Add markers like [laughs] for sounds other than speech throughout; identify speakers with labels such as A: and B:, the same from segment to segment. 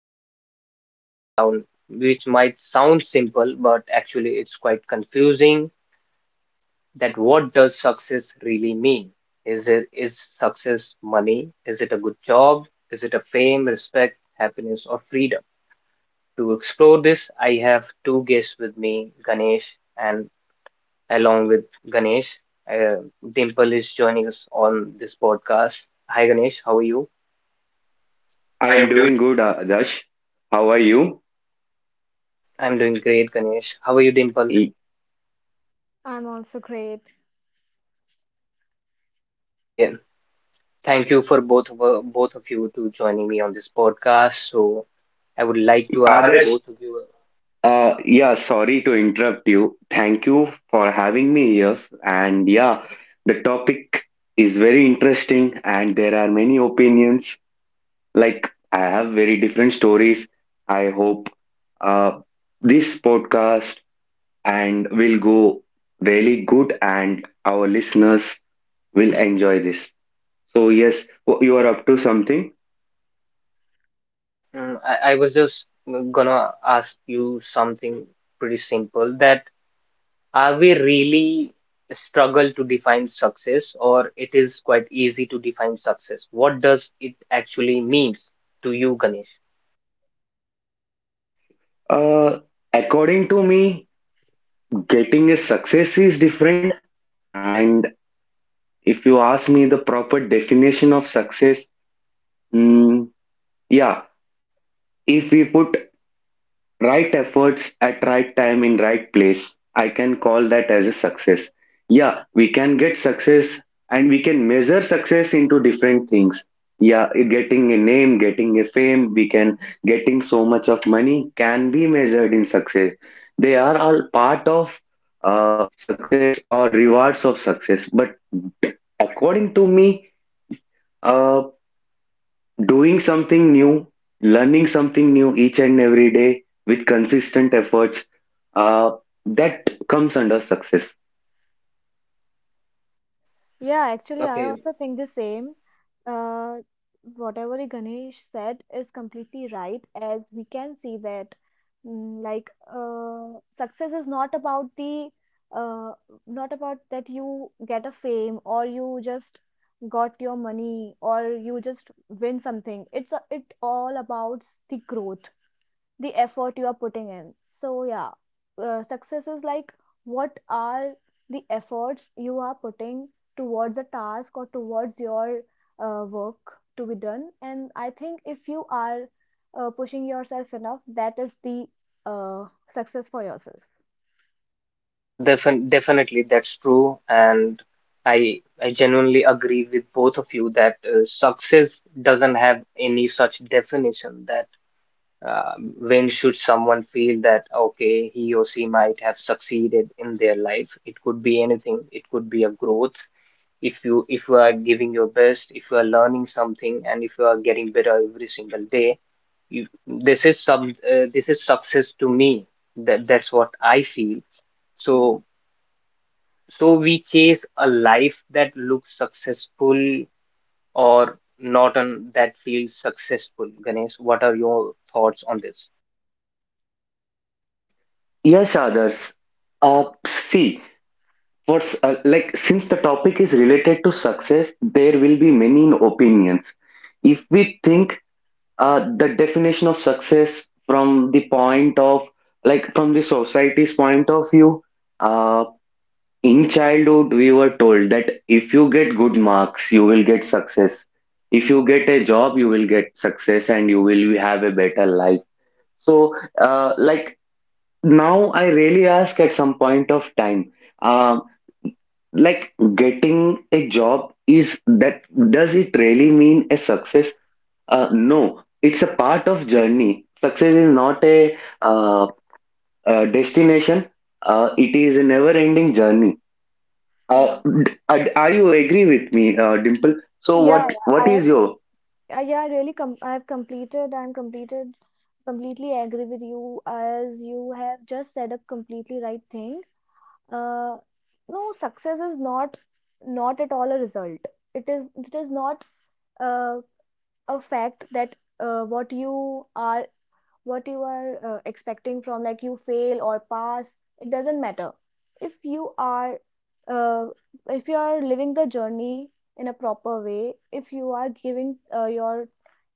A: topic which might not sound which might sound simple, but actually it's quite confusing that what does success really mean? Is success money? Is it a good job? Is it a fame, respect, happiness, or freedom? To explore this, I have two guests with me, Ganesh and along with Ganesh. Uh, Dimple is joining us on this podcast. Hi, Ganesh. How are you?
B: I
A: I
B: am
A: am doing.
B: doing good, Adarsh. How are you?
A: I'm doing great, Ganesh. How are you, Dimple?
B: Y-
C: I'm also great.
A: Okay. Thank you for both of you to joining me on this podcast. So I would like to ask Adarsh,
B: Adarsh,
A: both of you.
B: yeah, sorry to interrupt you. Thank you for having me here. And yeah, the topic is very interesting, and there are many opinions. Like, I have very different stories. I hope uh, this podcast and will go really good, and our listeners will enjoy this. So yes, you are up to something.
A: Yeah, I was just gonna ask you something pretty simple that are we really struggle to define success, or it is quite easy to define success? What does it actually means to you, Ganesh?
B: Uh, According to me, getting a success is different, and if you ask me the proper definition of success, mm, yeah, if we put right efforts at right time in right place, I can call that as a success. Yeah, we can get success and we can measure success into different things. Yeah, getting a name, getting a fame, we can getting so much of money can be measured in success. They are all part of success or rewards of success. But according to me, uh, doing something new, learning something new each and every day with consistent efforts, uh, that comes under success.
C: Yeah, actually, I
A: Okay.
C: also think the same. Uh, whatever Ganesh said is completely right, as we can see that, like, success is not about uh, not about that you get a fame or you just got your money or you just win something. It all about the growth. The effort you are putting in. So, yeah, success is like what are the efforts you are putting towards a task or towards your work to be done. And I think if you are pushing yourself enough, that is the uh, success for yourself.
A: Yeah, definitely that's true, and I genuinely agree with both of you that success doesn't have any such definition that uh, when should someone feel that okay, he or she might have succeeded in their life. It could be anything. It could be a growth. If you are giving your best, if you are learning something, and if you are getting better every single day, you, this is success to me. That that's what I feel.
C: Yeah.
A: So so we chase a life that looks successful or not on that feels successful. Ganesh, what are your thoughts on this?
B: Yes, others. Uh, see, what's like since the topic is related to success, there will be many opinions. If we think the definition of success from the point of like from the society's point of view, uh, in childhood, we were told that if you get good marks, you will get success. If you get a job, you will get success and you will have a better life. So, like now, I really ask at some point of time, um, like getting a job is that does it really mean a success? No, it's a part of journey. Success is not a destination. It is a never-ending journey. Uh,
C: Yeah.
B: are you agree with me, Dimple? So
C: Yeah,
B: what
C: yeah,
B: what is your?
C: yeah, I really com I have completed, I'm completed, completely agree with you as you have just said a completely right thing. uh, no, success is not, not at all a result. It is not uh, a fact that what you are, expecting from, like, you fail or pass, it doesn't matter. If you are uh, if you are living the journey in a proper way, if you are giving your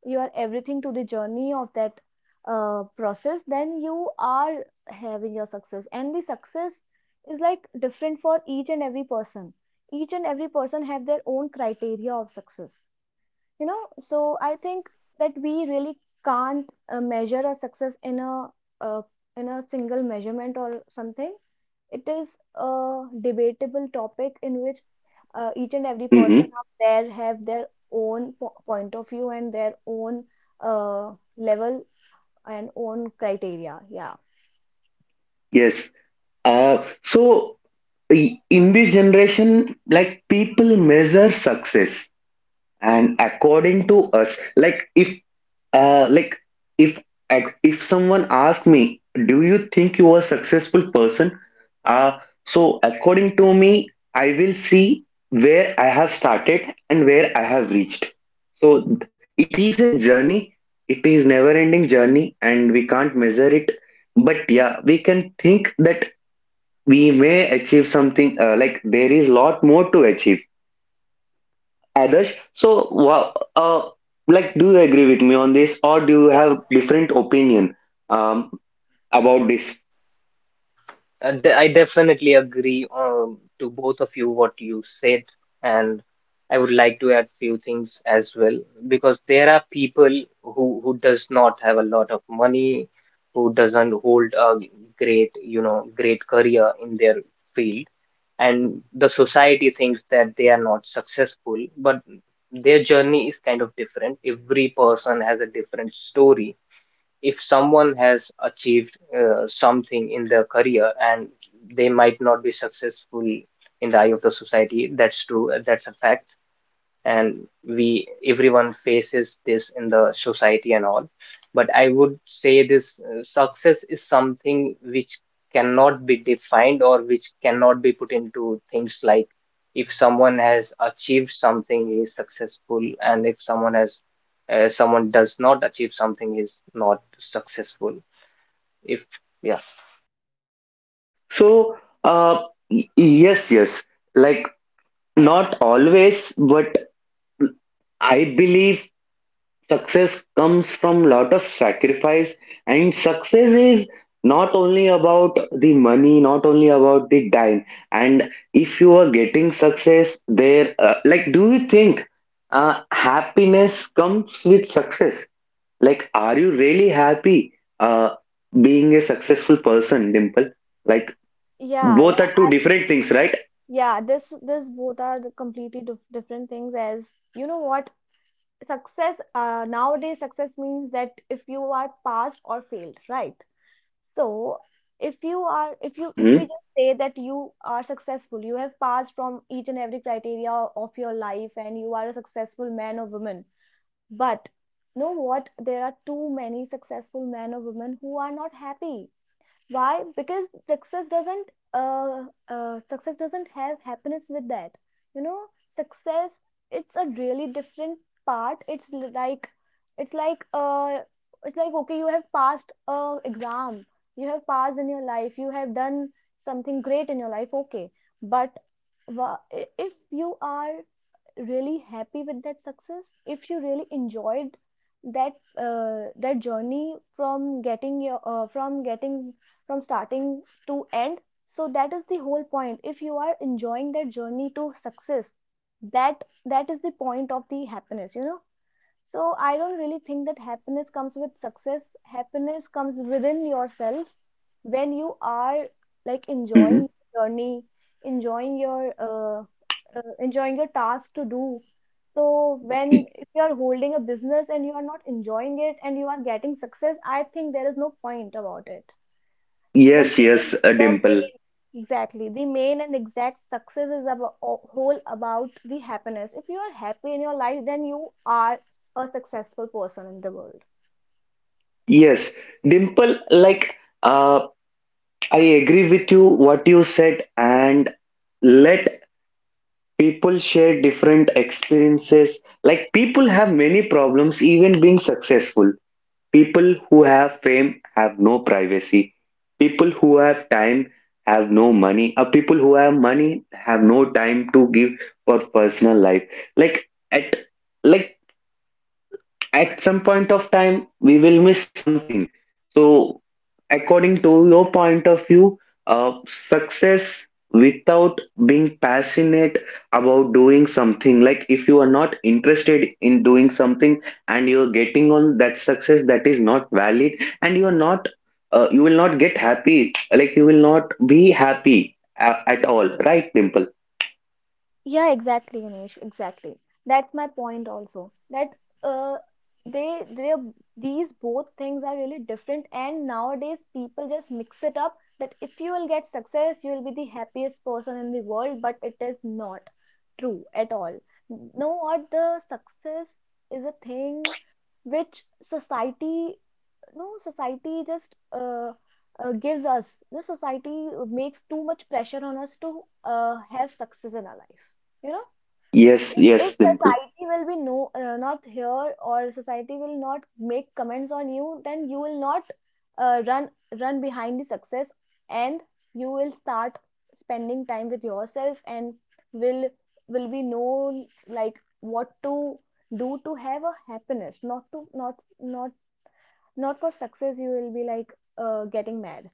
C: your everything to the journey of that process, then you are having your success. And the success is like different for each and every person. Each and every person have their own criteria of success you know so I think that we really can't measure a success in a, uh, in a single measurement or something. It is a debatable topic in which each and every person
B: Mhm,
C: out there have their own point of view and their own uh, level and own criteria, yeah.
B: yes. So in this generation, like people measure success, and according to us, like if Uh, like if if someone asked me, do you think you are a successful person? Uh, so according to me, I will see where I have started and where I have reached. So it is a journey. It is never ending journey and we can't measure it. But yeah, we can think that we may achieve something like there is lot more to achieve Adarsh, so wha- uh, like, do you agree with me on this, or do you have different opinion um, about this?
A: I definitely agree to both of you what you said, and I would like to add few things as well, because there are people who does not have a lot of money, who doesn't hold a great, you know, great career in their field, and the society thinks that they are not successful, but their journey is kind of different. Every person has a different story. If someone has achieved something in their career and they might not be successful in the eye of the society, that's true, that's a fact. And we everyone faces this in the society and all. But I would say this, success is something which cannot be defined or which cannot be put into things, like if someone has achieved something he is successful, and if someone has someone does not achieve something, he is not successful. If yeah.
B: So, uh, yes, yes, like not always, but I believe success comes from lot of sacrifice, and success is not only about the money, not only about the time. And if you are getting success there, like, do you think happiness comes with success? Like, are you really happy uh, being a successful person, Dimple? Like,
C: Yeah, yeah,
B: both are two different things, right?
C: yeah, this both are the completely different things. As you know what, success nowadays success means that if you are passed or failed, right? So, if we
B: Mm-hmm.
C: just say that you are successful, you have passed from each and every criteria of your life, and you are a successful man or woman. But know what, there are too many successful men or women who are not happy. Why? Because success doesn't have happiness with that. You know, success, it's a really different part. It's l- like it's like it's like okay, you have passed a exam, you have passed in your life, you have done something great in your life. Okay, but if you are really happy with that success, if you really enjoyed that journey, from getting your from getting from starting to end. So that is the whole point. If you are enjoying that journey to success, that is the point of the happiness. So I don't really think that happiness comes with success. Happiness comes within yourself when you are, like,
B: Mm-hmm.
C: enjoying your journey, enjoying your uh, enjoying your task to do. So
B: Y-
C: when if you are holding a business and you are not enjoying it and you are getting success, I think there is no point about it.
B: Yes, yes, Dimple.
C: Exactly. The main and exact success is about whole about the happiness. If you are happy in your life, then you are a successful person in the world.
B: Yes, Dimple, like, uh, I agree with you what you said, and let people share different experiences. Like, people have many problems, even being successful. People who have fame have no privacy. People who have time have no money. Or people who have money have no time to give for personal life. Like at like at some point of time we will miss something, so according to your point of view, uh, success without being passionate about doing something, like if you are not interested in doing something and you are getting on that success, that is not valid, and you are not you will not get happy, like you will not be happy at all, right, Dimple?
C: Yeah, exactly, Anish, exactly. That's my point
B: Mm,
C: also. That uh, they These both things are really different, and nowadays people just mix it up that if you will get success, you will be the happiest person in the world, but it is not true at all. No, what the success is a thing which society, no, society just gives us. You know, society makes too much pressure on us to have success in our life you know
B: yes,
C: if
B: yes, Dimple.
C: society will be no, not here, or society will not make comments on you, then you will not uh, run run behind the success, and you will start spending time with yourself and will will be known like what to do to have a happiness, not to, not, not, not for success. You will be like getting mad.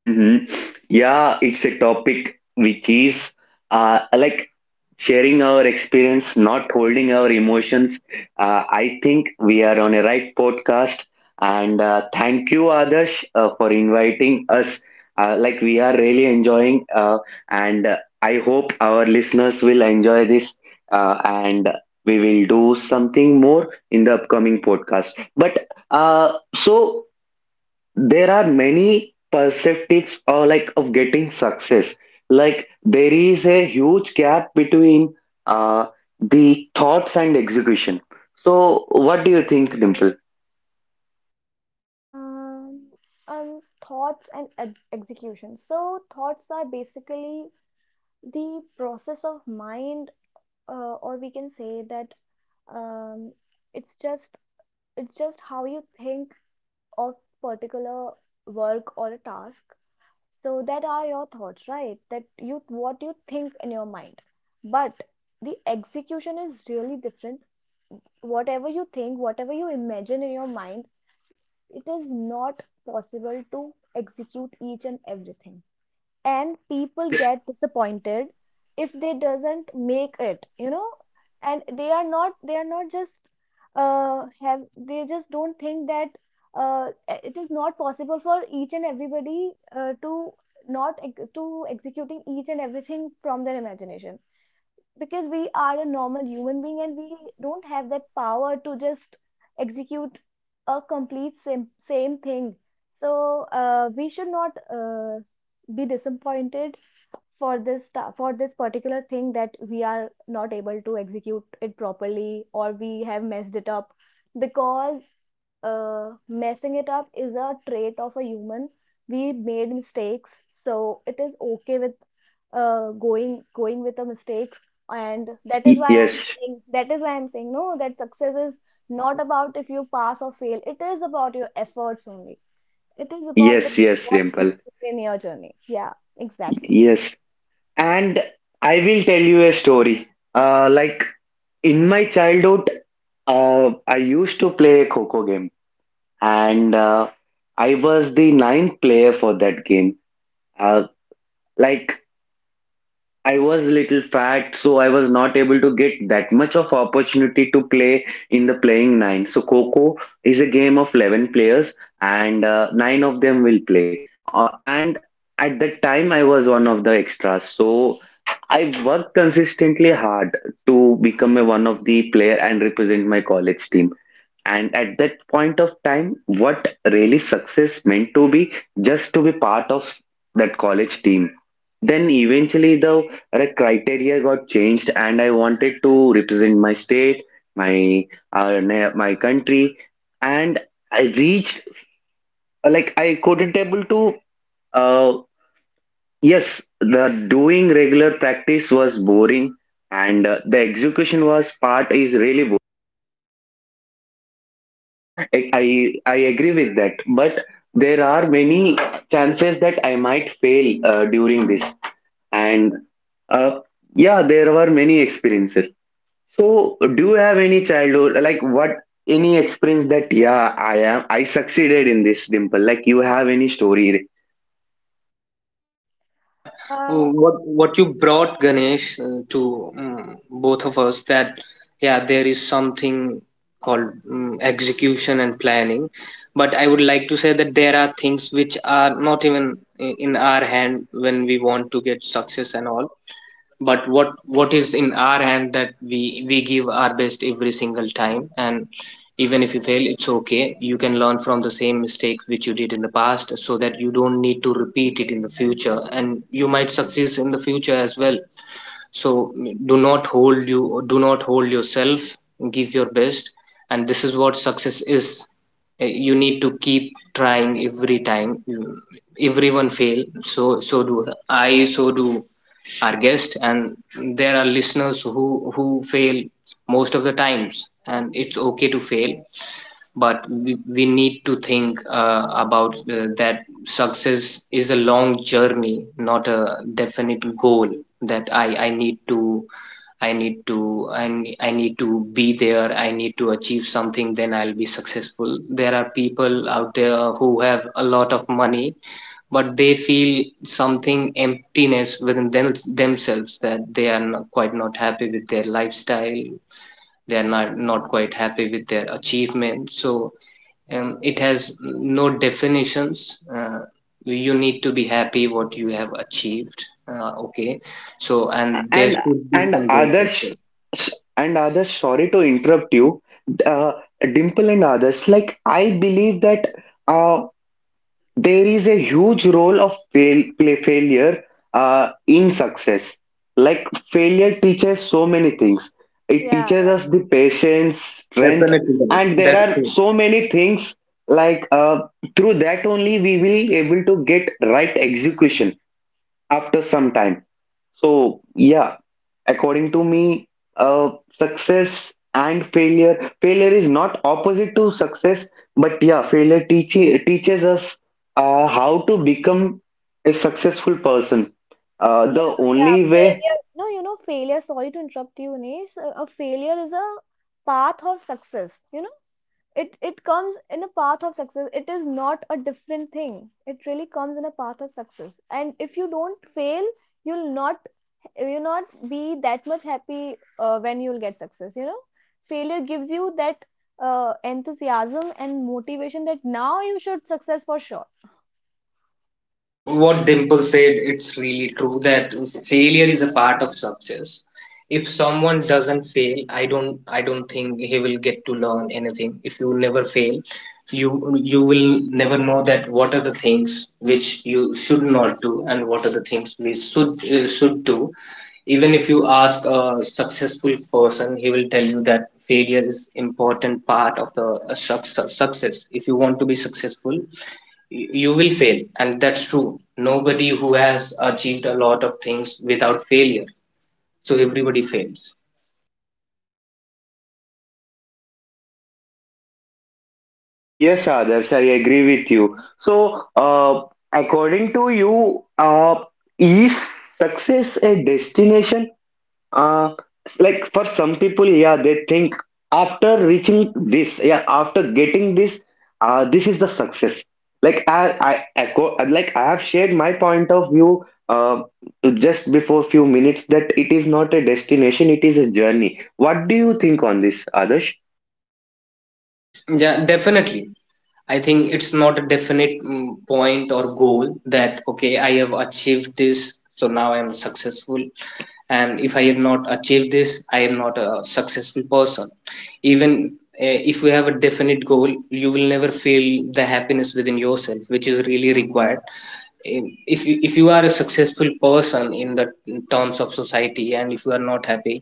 B: Mm-hmm. Yeah, it's a topic which is like sharing our experience, not holding our emotions. I think we are on a right podcast, and thank you, Adarsh, for inviting us. Like we are really enjoying, and I hope our listeners will enjoy this, and we will do something more in the upcoming podcast. But so there are many perspectives or like of getting success, like there is a huge gap between uh, the thoughts and execution, so what do you think, Dimple?
C: Um, um thoughts and execution. So thoughts are basically the process of mind, or we can say that, um, it's just it's just how you think of particular work or a task. So that are your thoughts, right? that you What you think in your mind, but the execution is really different. Whatever you think, whatever you imagine in your mind, it is not possible to execute each and everything, and people
B: yes
C: get disappointed if they doesn't make it. And they are not just, have they just don't think that, it is not possible for each and everybody to not ex- to executing each and everything from their imagination, because we are a
B: y-
C: normal human being and we don't have that power to just execute a complete same, same thing. So, we should not be disappointed for this particular thing that we are not able to execute it properly, or we have messed it up, because, messing it up is a trait of a human. We made mistakes, so it is okay with, going with a mistake. And that is
B: y-
C: why I'm
B: yes
C: saying that is why I'm saying no, that success is not about if you pass or fail. It is about your efforts only. It is about
B: yes,
C: what you
B: Dimple.
C: do in your journey. Yeah, exactly.
B: Yes, and I will tell you a story. Like in my childhood, I used to play a coco game, and I was the ninth player for that game. uh, like I was little fat, so I was not able to get that much of opportunity to play in the playing nine. So Coco is a game of 11 players, and nine of them will play. And at that time, I was one of the extras. So I worked consistently hard to become a one of the player and represent my college team. And at that point of time, what really success meant to be just to be part of that college team, then eventually the criteria got changed, and I wanted to represent my state, my my country, and I reached like I couldn't able to. Uh, yes, the doing regular practice was boring, and the execution was part is really boring. Uh, I, I I agree with that, but there are many chances that I might fail during this, and uh, yeah, there were many experiences. So, do you have any childhood like what any experience that yeah, I am I succeeded in this, Dimple? Like you have any story?
A: Yeah, what you brought, Ganesh, to both of us, that yeah there is something called, execution and planning, but I would like to say that there are things which are not even in our hand when we want to get success and all. But what is in our hand, that we give our best every single time. And even if you fail, it's okay. You can learn from the same mistakes which you did in the past so that you don't need to repeat it in the future, and you might succeed in the future as well. So do not hold, you do not hold yourself, give your best, and this is what success is. You need to keep trying every time. Everyone fail, so so do I, so do our guest, and there are listeners who fail most of the times, and it's okay to fail. But we need to think about that success is a long journey, not a definite goal, that I need to I need to I need to be there. I need to achieve something. Then I'll be successful. There are people out there who have a lot of money, but they feel something emptiness within them, themselves, that they are not, quite not happy with their lifestyle. They are not not quite happy with their achievement. So it has no definitions. You need to be happy what you have achieved. Okay,
B: And
A: so and there
B: and
A: should be
B: and
A: some.
B: others and others. Sorry to interrupt you, uh, Dimple and others. Like I believe that. Uh, there is a huge role of fail, play failure in success. Like failure teaches so many things. It
C: Yeah,
B: teaches
C: yeah,
B: us the patience, strength,
A: Definitely, guys.
B: and there
A: That's
B: are
A: true.
B: so many things. Like through that only we will able to get right execution after some time. So, yeah, according to me, uh, success and failure, failure is not opposite to success, but yeah, teaches us how to become a successful person. The
C: yeah, yeah.
B: only way,
C: Failure. No, you know, failure. Sorry to interrupt you, Nish. A failure is a path of success. You know, it comes in a path of success. It is not a different thing. It really comes in a path of success. And if you don't fail, you'll not you'll not be that much happy when you'll get success. You know, failure gives you that enthusiasm and motivation that now you should success for sure.
A: What Dimple said, it's really true that failure is a part of success. If someone doesn't fail, I don't think he will get to learn anything. If you never fail, you you will never know that what are the things which you should not do, and what are the things we should do. Even if you ask a successful person, he will tell you that failure is important part of the success. If you want to be successful, you will fail, and that's true. Nobody who has achieved a lot of things without failure, so everybody fails.
B: yes, Adarsh, I agree with you. So, according to you, is success a destination? Uh, like for some people, yeah, they think after reaching this, yeah, after getting this, this is the success. Like I echo, like I have shared my point of view just before few minutes that it is not a destination, it is a journey. What do you think on this, Adarsh?
A: Yeah, definitely. I think it's not a definite point or goal that, okay, I have achieved this, so now I'm successful. And if I have not achieved this, I am not a successful person. Even if we have a definite goal, you will never feel the happiness within yourself, which is really required. Eh, if you, if you are a successful person in the terms of society, and if you are not happy,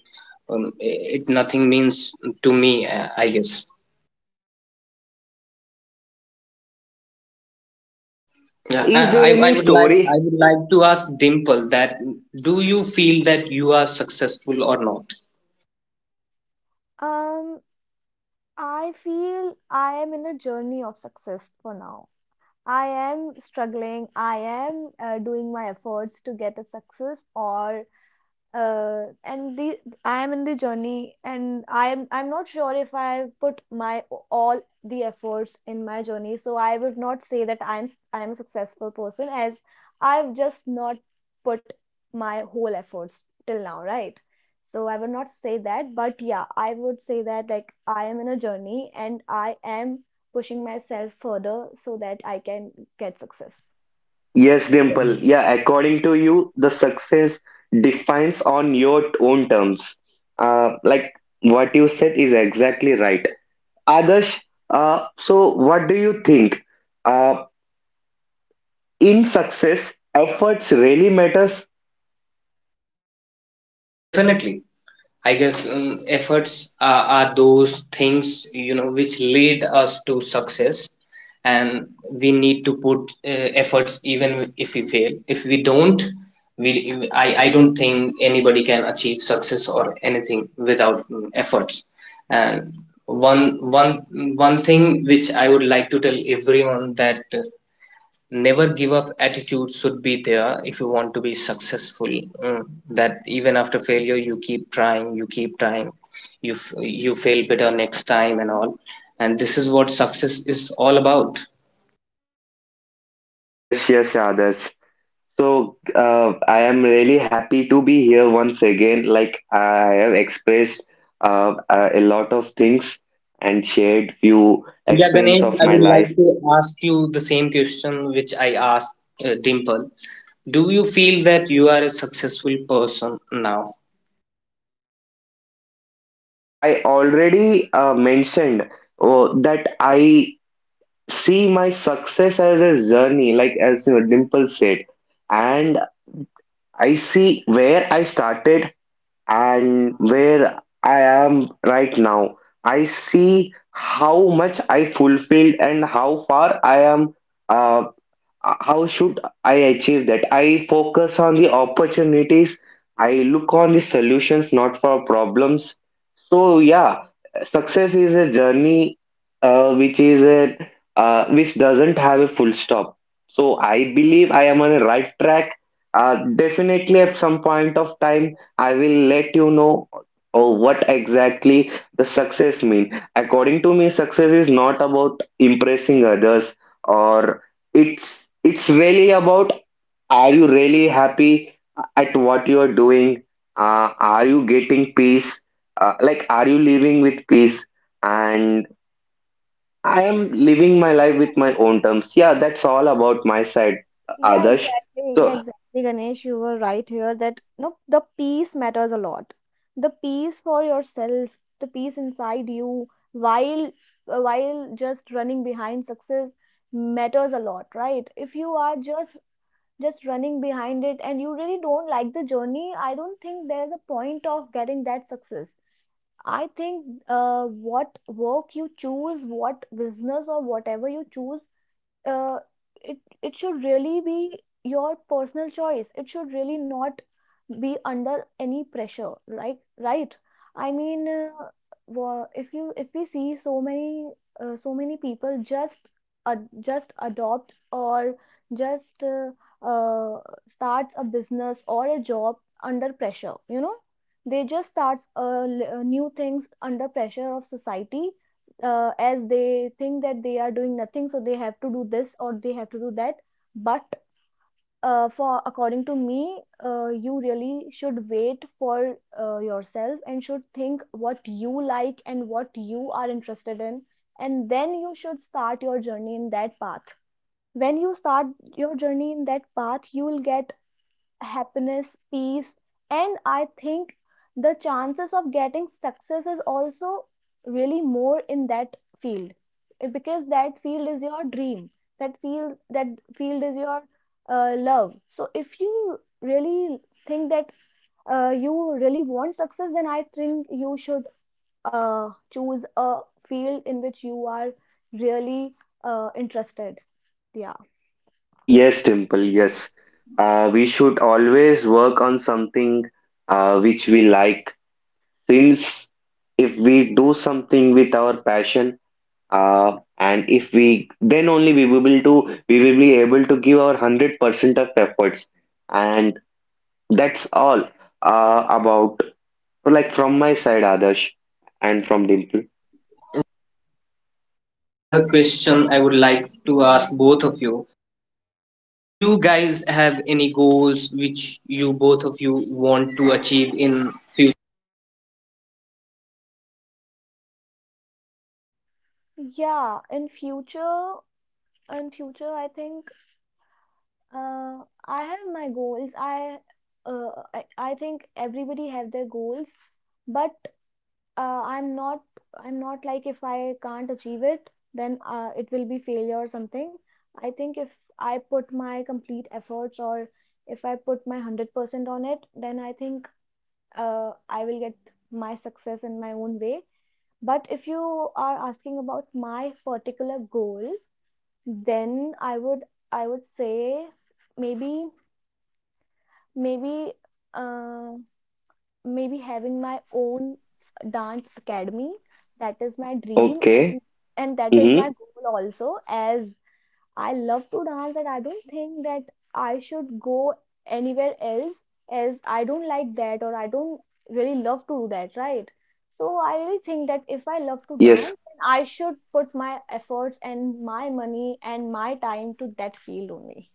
A: it nothing means to me, I guess.
B: So,
A: Yeah,
B: is there
A: I
B: any
A: would like
B: story?
A: to ask Dimple that do you feel that you are successful or not?
C: Um, I feel I am in a journey of success for now. I am struggling. I am doing my efforts to get a success or and the I am in the journey, and I'm not sure if I put my all the efforts in my journey. So I would not say that I'm a successful person as I've just not put my whole efforts till now, right? So I would not say that, but yeah, I would say that like I am in a journey and I am pushing myself further so that I can get success.
B: Yes,
A: Uh, the,
B: Dimple. Yeah, according to you, the success defines on your own terms. Like what you said is exactly right. Adarsh, so what do you think? Uh, in success, efforts really matters?
A: yeah, definitely. I guess efforts are those things, you know, which lead us to success, and we need to put efforts even if we fail. If we don't, we I don't think anybody can achieve success or anything without efforts. And one one one thing which I would like to tell everyone, that never give up attitude should be there if you want to be successful. Mm, that even after failure, you keep trying, you keep trying, you you fail better next time and all, and this is what success is all about.
B: Yes, yes, Adarsh. So I am really happy to be here once again. Like I have expressed a lot of things and shared few
A: Yeah, yeah,
B: experience
A: Ganesh,
B: of
A: I
B: my
A: would like
B: life.
A: to ask you the same question which I asked, Dimple. Do you feel that you are a successful person now?
B: I, I already mentioned oh, that I see my success as a journey, like as Dimple said, and I see where I started and where I am right now. I see how much I fulfilled and how far I am. Uh, how should I achieve that? I focus on the opportunities. I look on the solutions, not for problems. So yeah, success is a journey uh, which is a which doesn't have a full stop. So I believe I am on the right track. Definitely at some point of time, I will let you know oh, what exactly the success mean. According to me, success is not about impressing others, or it's it's really about are you really happy at what you are doing? Are you getting peace? Like, are you living with peace? And I am living my life with my own terms. Yeah, that's all about my side,
C: Yeah,
B: Adarsh.
C: exactly. Yeah,
B: So,
C: exactly, Ganesh. You were right here that no, the peace matters a lot. The peace for yourself, the peace inside you, while while just running behind success matters a lot, right? If you are just running behind it and you really don't like the journey, I don't think there's a point of getting that success. I think what work you choose, what business or whatever you choose, uh, it should really be your personal choice. It should really not be under any pressure, right? Right? I mean, if we see so many, so many people just, ad just adopt, or just uh, starts a business or a job under pressure, you know? They just starts new things under pressure of society, as they think that they are doing nothing, so they have to do this or they have to do that. But, for according to me, you really should wait for yourself and should think what you like and what you are interested in, and then you should start your journey in that path. When you start your journey in that path, you will get happiness, peace, and I think the chances of getting success is also really more in that field. Because that field is your dream, that field is your love. So if you really think that, you really want success, then I think you should uh, choose a field in which you are really interested. Yeah.
B: yes, Dimple, yes. We should always work on something which we like, since if we do something with our passion, and if we then only we will be able to give our 100% of efforts, and that's all about like from my side Adarsh and from Dimple.
A: Just have a question I would like to ask both of you. Do you guys have any goals which you both of you want to achieve in future?
C: Yeah, in future, I think, uh, I have my goals. I think everybody have their goals, but, uh, I'm not I'm not like if I can't achieve it, then, it will be failure or something. I think if I put my complete efforts or if I put my 100% on it, then I think, I will get my success in my own way. But if you are asking about my particular goal, then I would say, maybe maybe uh, maybe having my own dance academy. That is my dream, and
B: Okay.
C: and that is my
B: Mm-hmm.
C: goal also, as I love to dance and I don't think that I should go anywhere else, as I don't like that or I don't really love to do that, right? So I really think that if I love to
B: Yes.
C: dance, then I should put my efforts and my money and my time to that field only.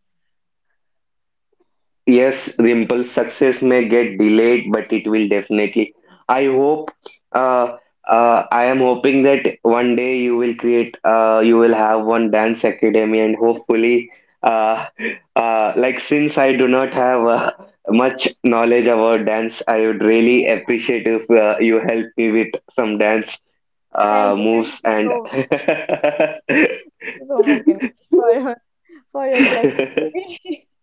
B: Yes,
A: Mm,
B: Dimple, success may get delayed, but it will definitely. I hope, uh, I am hoping that one day you will create, you will have one dance academy, and hopefully, uh, like since I do not have much knowledge about dance, I would really appreciate if you help me with some dance
C: Thank you. Thank
B: moves
C: you
B: and.
C: so much. Thank you so much, Ganesh,
B: [laughs]
C: for your, for your blessing to me. [laughs]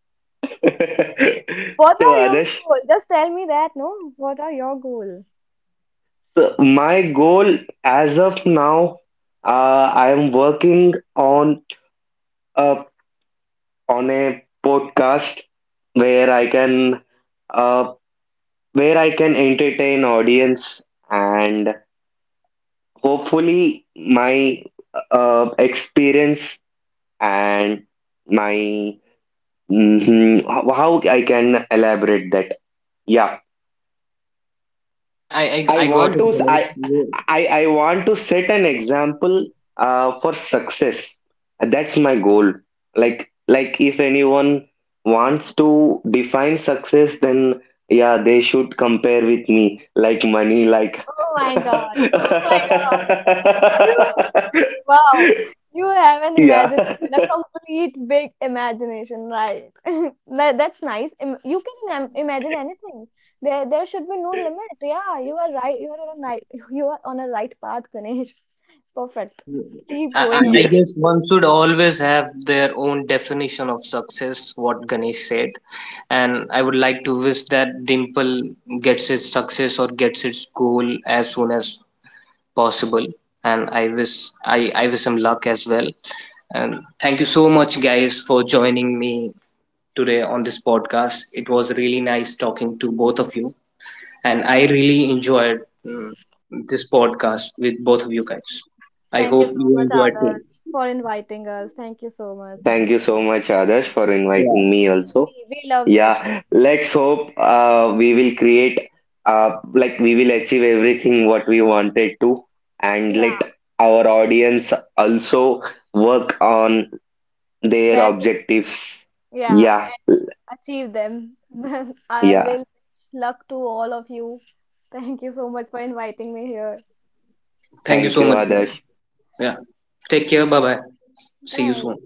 C: What
B: So,
C: are your
B: Adesh.
C: goals? Just tell me that, no? What are your goals?
B: So my goal as of now, I am working a on a podcast where I can uh, where I can entertain audience, and hopefully my experience and my mhm, how I can elaborate that. Yeah,
A: I got it, Ganesh. You-
B: I want to set an example for success. That's my goal. If anyone wants to define success, then yeah, they should compare with me. Like money, like
C: Oh my God. Oh my
B: [laughs]
C: God. You. Wow, you have an
B: yeah.
C: imagination, a complete big imagination, right? [laughs] That's nice. You can imagine anything. There should be no limit. Yeah, you are right. You are on a right. [laughs] You are on a right path, Ganesh. [laughs] Perfect.
A: you-
C: Keep going
A: I
C: on.
B: Yes.
A: guess one should always have their own definition of success, what Ganesh said. And I would like to wish that Dimple gets its success or gets its goal as soon as possible. And I wish I wish him luck as well. And thank you so much, guys, for joining me today on this podcast. It was really nice talking to both of you, and I really enjoyed, mm, this podcast with both of you guys. I
C: Thank
A: hope
C: you so
A: you
C: much,
A: enjoyed too.
C: Adarsh, for inviting us. Thank you so much.
B: Thank you so much, Adarsh, for
A: Yeah.
B: inviting me
C: We,
B: also.
C: we, we loved it.
B: Yeah, let's hope we will create, like, we will achieve everything what we wanted to, and
C: Yeah,
B: let our audience also work on their
C: there go.
B: objectives.
C: Yeah,
B: Yeah,
C: and achieve them. [laughs] I will
B: yeah.
C: wish luck to all of you. Thank you so much for inviting me here.
A: Thank you
B: Thank
A: so
B: you,
A: much, guys.
B: Adarsh.
A: Yeah. Take care. Bye bye. See you soon.
C: Bye.